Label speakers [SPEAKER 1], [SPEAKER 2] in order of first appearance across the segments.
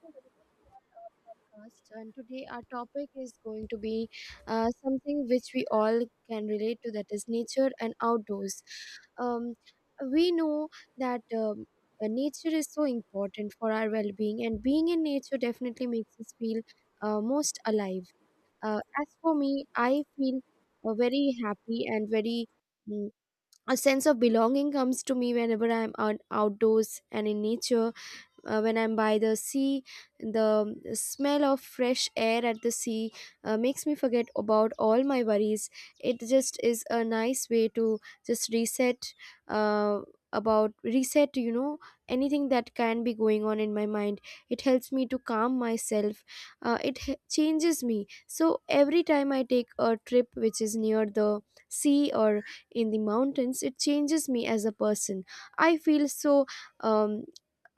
[SPEAKER 1] So welcome to our podcast. And today our topic is going to be something which we all can relate to, that is nature and outdoors. Um, we know that nature is so important for our well-being, and being in nature definitely makes us feel most alive. As for me, I feel very happy, and mm, a sense of belonging comes to me whenever I'm outdoors and in nature. When I'm by the sea, the smell of fresh air at the sea makes me forget about all my worries. It just is a nice way to just reset, uh, about reset, anything that can be going on in my mind. It helps me to calm myself. It changes me, so every time I take a trip which is near the sea, or in the mountains, it changes me as a person. i feel so um,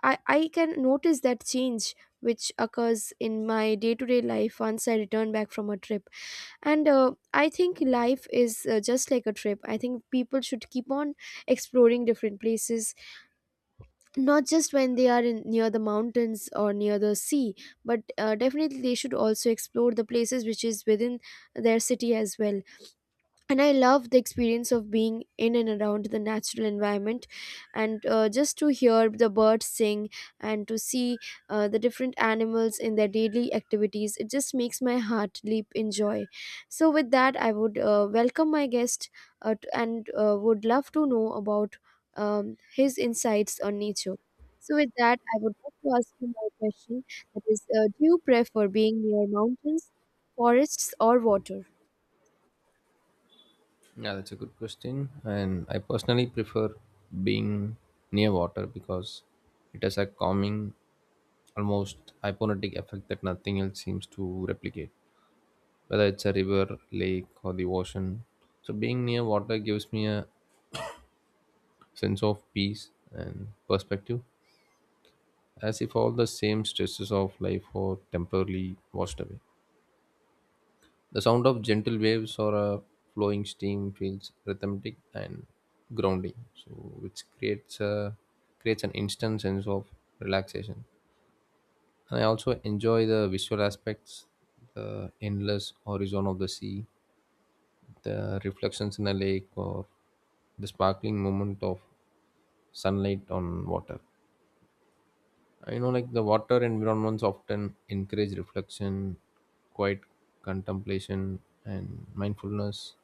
[SPEAKER 1] I, I can notice that change which occurs in my day-to-day life once I return back from a trip. And I think life is just like a trip. I think people should keep on exploring different places, not just when they are in, near the mountains or near the sea, but definitely they should also explore the places which is within their city as well. And I love the experience of being in and around the natural environment, and just to hear the birds sing and to see the different animals in their daily activities, it just makes my heart leap in joy. So with that, I would welcome my guest, and would love to know about his insights on nature. So with that, I would like to ask you my question, that is, do you prefer being near mountains, forests, or water?
[SPEAKER 2] Yeah, that's a good question. And I personally prefer being near water because it has a calming, almost hypnotic effect that nothing else seems to replicate, whether it's a river, lake, or the ocean. So, being near water gives me a sense of peace and perspective, as if all the same stresses of life are temporarily washed away. The sound of gentle waves or a flowing stream feels rhythmic and grounding, so which creates a creates an instant sense of relaxation. And I also enjoy the visual aspects, the endless horizon of the sea, the reflections in a lake, or the sparkling moment of sunlight on water. I know like the water environments often encourage reflection, quiet contemplation, and mindfulness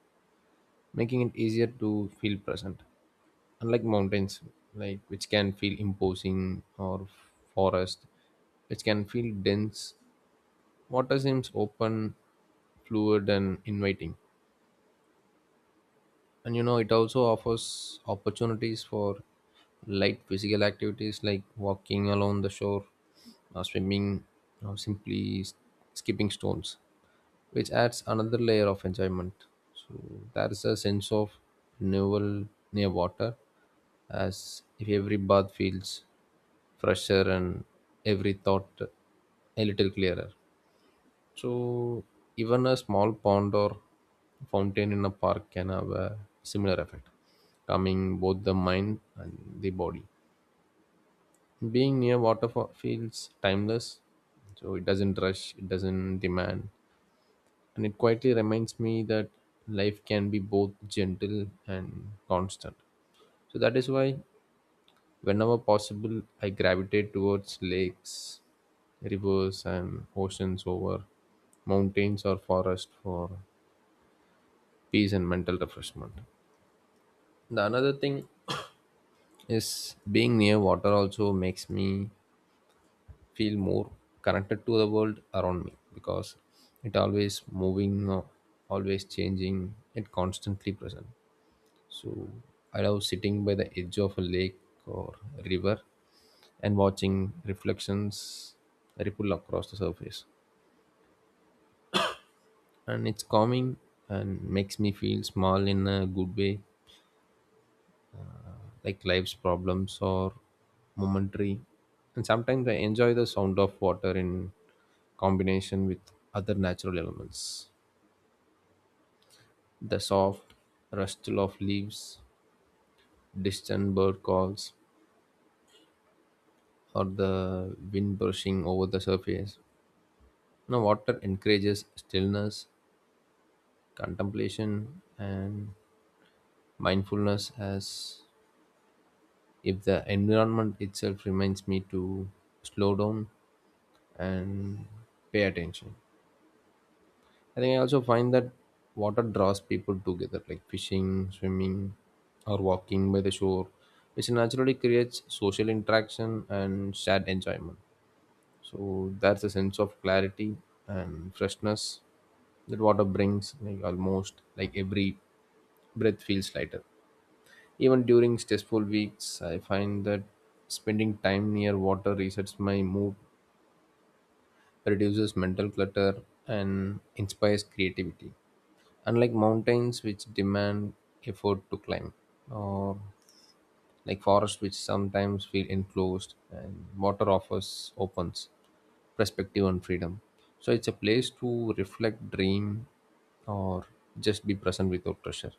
[SPEAKER 2] making it easier to feel present. Unlike mountains, like which can feel imposing, or forest, which can feel dense, water seems open, fluid, and inviting. And you know it also offers opportunities for light physical activities like walking along the shore or swimming or skipping stones, which adds another layer of enjoyment. So there is a sense of renewal near water, as if every bath feels fresher and every thought a little clearer. So even a small pond or fountain in a park can have a similar effect, calming both the mind and the body. Being near water fo- feels timeless, so it doesn't rush, it doesn't demand, and it quietly reminds me that life can be both gentle and constant. So that is why, whenever possible, I gravitate towards lakes, rivers, and oceans over mountains or forest for peace and mental refreshment. The another thing is being near water also makes me feel more connected to the world around me because it always moving, always changing, it constantly present. So I love sitting by the edge of a lake or river and watching reflections ripple across the surface. And it's calming and makes me feel small in a good way, like life's problems or momentary. And sometimes I enjoy the sound of water in combination with other natural elements, the soft rustle of leaves, distant bird calls, or the wind brushing over the surface. Now water encourages stillness, contemplation, and mindfulness, as if the environment itself reminds me to slow down and pay attention. I think I also find that water draws people together, like fishing, swimming, or walking by the shore, which naturally creates social interaction and shared enjoyment. So that's a sense of clarity and freshness that water brings, like almost like every breath feels lighter. Even during stressful weeks, I find that spending time near water resets my mood, reduces mental clutter, and inspires creativity. Unlike mountains, which demand effort to climb, or like forests, which sometimes feel enclosed, and water offers opens perspective and freedom. So it's a place to reflect, dream, or just be present without pressure.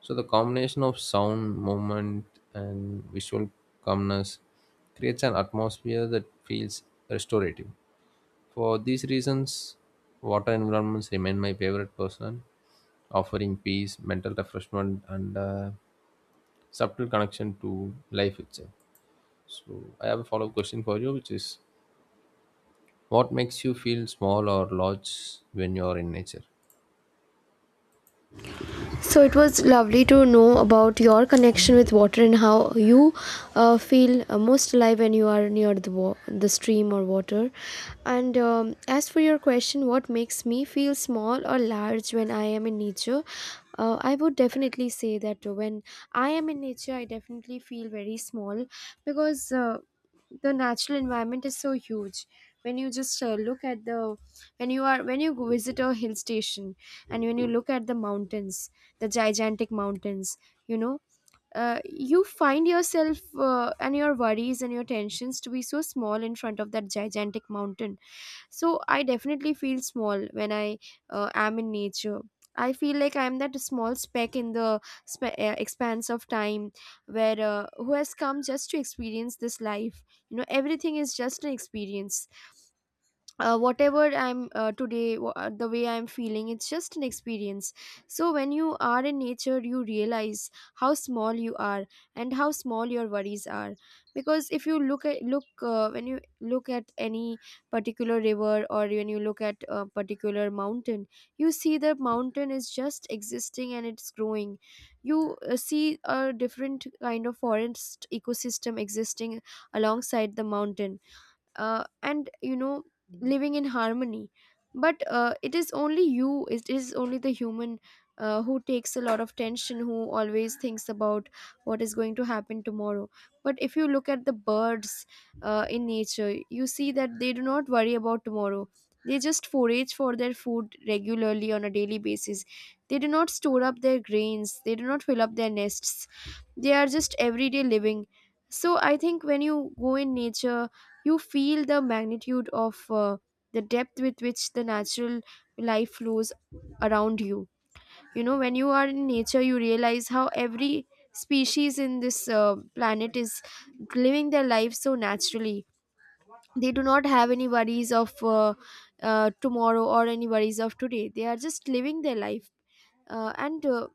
[SPEAKER 2] So the combination of sound, movement, and visual calmness creates an atmosphere that feels restorative. For these reasons, water environments remain my favorite person, offering peace, mental refreshment, and subtle connection to life itself. So, I have a follow up question for you, which is what makes you feel small or large when you are in nature?
[SPEAKER 1] So it was lovely to know about your connection with water, and how you feel most alive when you are near the the stream or water. And as for your question, what makes me feel small or large when I am in nature? I would definitely say that when I am in nature, I definitely feel very small, because the natural environment is so huge. When you just look at the When you go visit a hill station, and when you look at the mountains, the gigantic mountains, you know you find yourself, and your worries and your tensions, to be so small in front of that gigantic mountain. So I definitely feel small when I am in nature. I feel like I'm that small speck in the expanse of time, where who has come just to experience this life. You know, everything is just an experience. Whatever I'm today, the way I'm feeling, it's just an experience. So when you are in nature, you realize how small you are and how small your worries are. Because if you look at look when you look at any particular river, or when you look at a particular mountain, you see the mountain is just existing and it's growing. You see a different kind of forest ecosystem existing alongside the mountain, and you know, living in harmony. But it is only you, it is only the human, who takes a lot of tension, who always thinks about what is going to happen tomorrow. But if you look at the birds in nature, you see that they do not worry about tomorrow. They just forage for their food regularly on a daily basis. They do not store up their grains. They do not fill up their nests. They are just everyday living. So I think when you go in nature, you feel the magnitude of the depth with which the natural life flows around you. You know, when you are in nature, you realize how every species in this planet is living their life so naturally. They do not have any worries of tomorrow or any worries of today. They are just living their life. And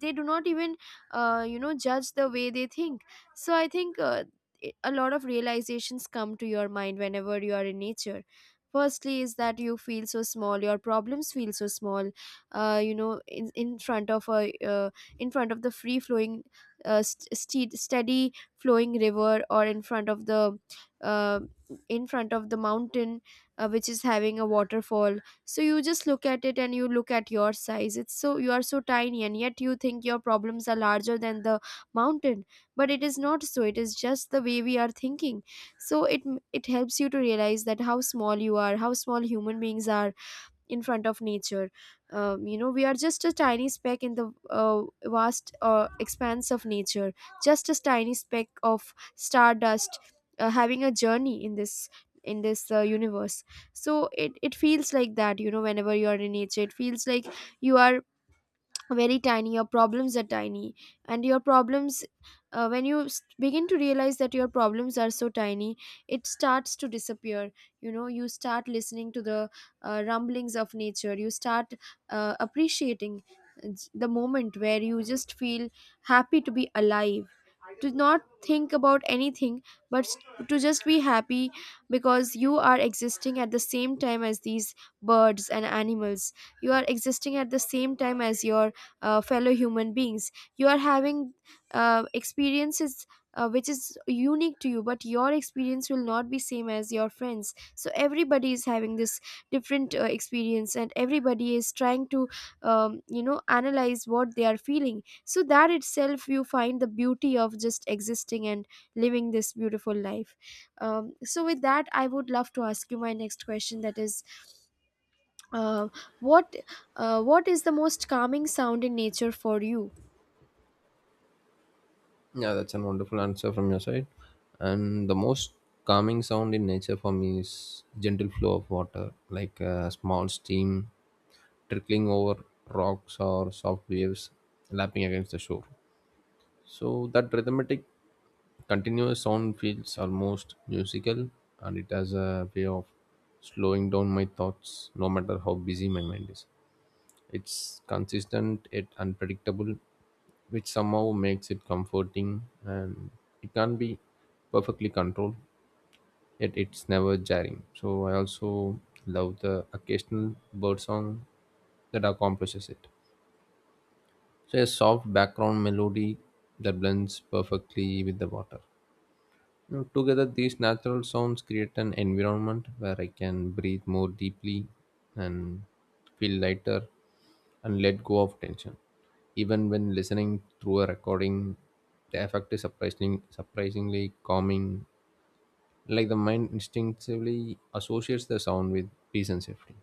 [SPEAKER 1] they do not even, judge the way they think. So I think, a lot of realizations come to your mind whenever you are in nature. Firstly is that you feel so small, your problems feel so small, in front of a in front of the free flowing, steady flowing river, or in front of the, uh, in front of the mountain, which is having a waterfall. So you just look at it, and you look at your size, it's so you are so tiny, and yet you think your problems are larger than the mountain. But it is not so. It is just the way we are thinking. So it helps you to realize that how small you are, how small human beings are in front of nature. You know, we are just a tiny speck in the vast expanse of nature, just a tiny speck of stardust having a journey in this, in this universe. So it feels like that, you know, whenever you are in nature, it feels like you are very tiny, your problems are tiny. And your problems, when you begin to realize that your problems are so tiny, it starts to disappear. You know, you start listening to the rumblings of nature. You start appreciating uh, the moment where you just feel happy to be alive, to not think about anything, but to just be happy, because you are existing at the same time as these birds and animals. You are existing at the same time as your fellow human beings. You are having experiences which is unique to you, but your experience will not be same as your friends. So everybody is having this different experience, and everybody is trying to, analyze what they are feeling. So that itself, you find the beauty of just existing and living this beautiful life. So with that, I would love to ask you my next question, that is, uh, what what is the most calming sound in nature for you?
[SPEAKER 2] Yeah, that's a wonderful answer from your side. And the most calming sound in nature for me is gentle flow of water, like a small stream trickling over rocks or soft waves lapping against the shore. So that rhythmic continuous sound feels almost musical and it has a way of slowing down my thoughts no matter how busy my mind is. It's consistent yet unpredictable, which somehow makes it comforting and it can not be perfectly controlled, yet it's never jarring. So I also love the occasional bird song that accomplishes it. So a soft background melody that blends perfectly with the water. Now, together, these natural sounds create an environment where I can breathe more deeply and feel lighter and let go of tension. Even when listening through a recording, the effect is surprisingly calming. Like the mind instinctively associates the sound with peace and safety.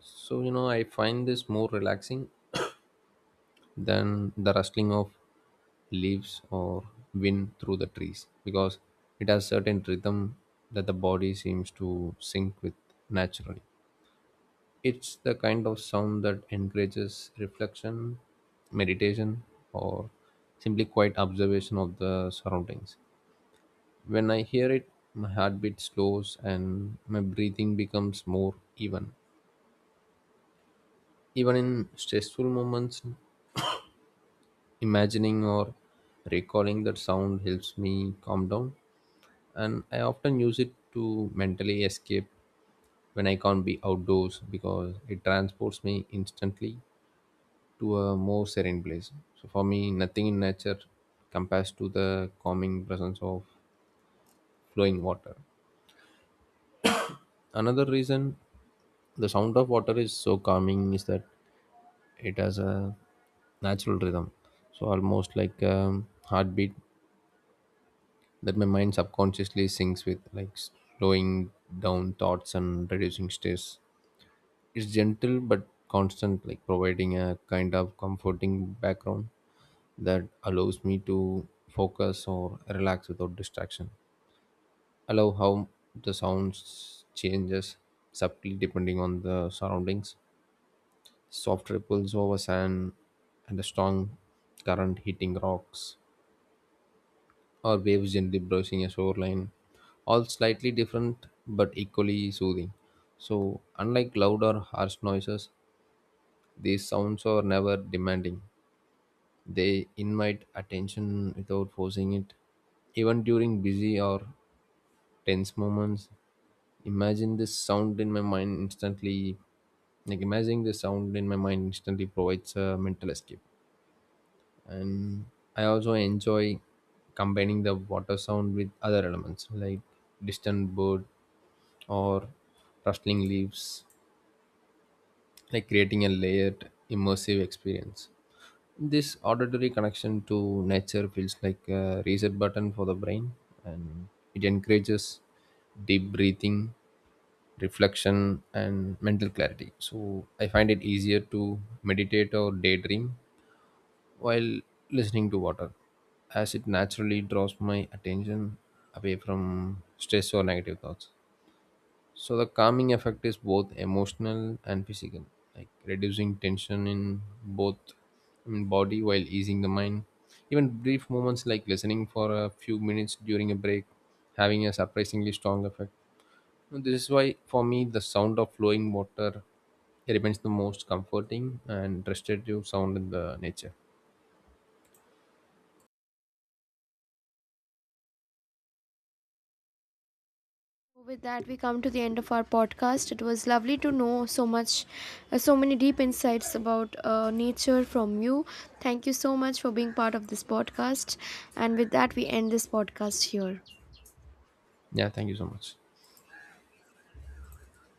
[SPEAKER 2] So, you know, I find this more relaxing than the rustling of leaves or wind through the trees because it has certain rhythm that the body seems to sync with naturally. It's the kind of sound that encourages reflection, meditation, or simply quiet observation of the surroundings. When I hear it, my heartbeat slows and my breathing becomes more even even in stressful moments. Imagining or recalling that sound helps me calm down, and I often use it to mentally escape when I can't be outdoors because it transports me instantly to a more serene place. So, for me, nothing in nature compares to the calming presence of flowing water. Another reason the sound of water is so calming is that it has a natural rhythm, so almost like a heartbeat that my mind subconsciously syncs with, like slowing down thoughts and reducing stress. It's gentle but constant, like providing a kind of comforting background that allows me to focus or relax without distraction. I love how the sounds changes subtly depending on the surroundings, soft ripples over sand and a strong current hitting rocks or waves gently brushing a shoreline, all slightly different but equally soothing. So, unlike loud or harsh noises, these sounds are never demanding. They invite attention without forcing it. Even during busy or tense moments, imagine this sound in my mind instantly. Like imagining the sound in my mind instantly provides a mental escape. And I also enjoy combining the water sound with other elements like distant bird or rustling leaves, like creating a layered immersive experience. This auditory connection to nature feels like a reset button for the brain, and it encourages deep breathing, reflection, and mental clarity. So I find it easier to meditate or daydream while listening to water, as it naturally draws my attention away from stress or negative thoughts. So the calming effect is both emotional and physical, like reducing tension in both in body while easing the mind. Even brief moments like listening for a few minutes during a break having a surprisingly strong effect. And this is why for me the sound of flowing water remains the most comforting and restorative sound in the nature.
[SPEAKER 1] With that, we come to the end of our podcast. It was lovely to know so much, so many deep insights about nature from you. Thank you so much for being part of this podcast, and with that, we end this podcast here.
[SPEAKER 2] Yeah, thank you so much.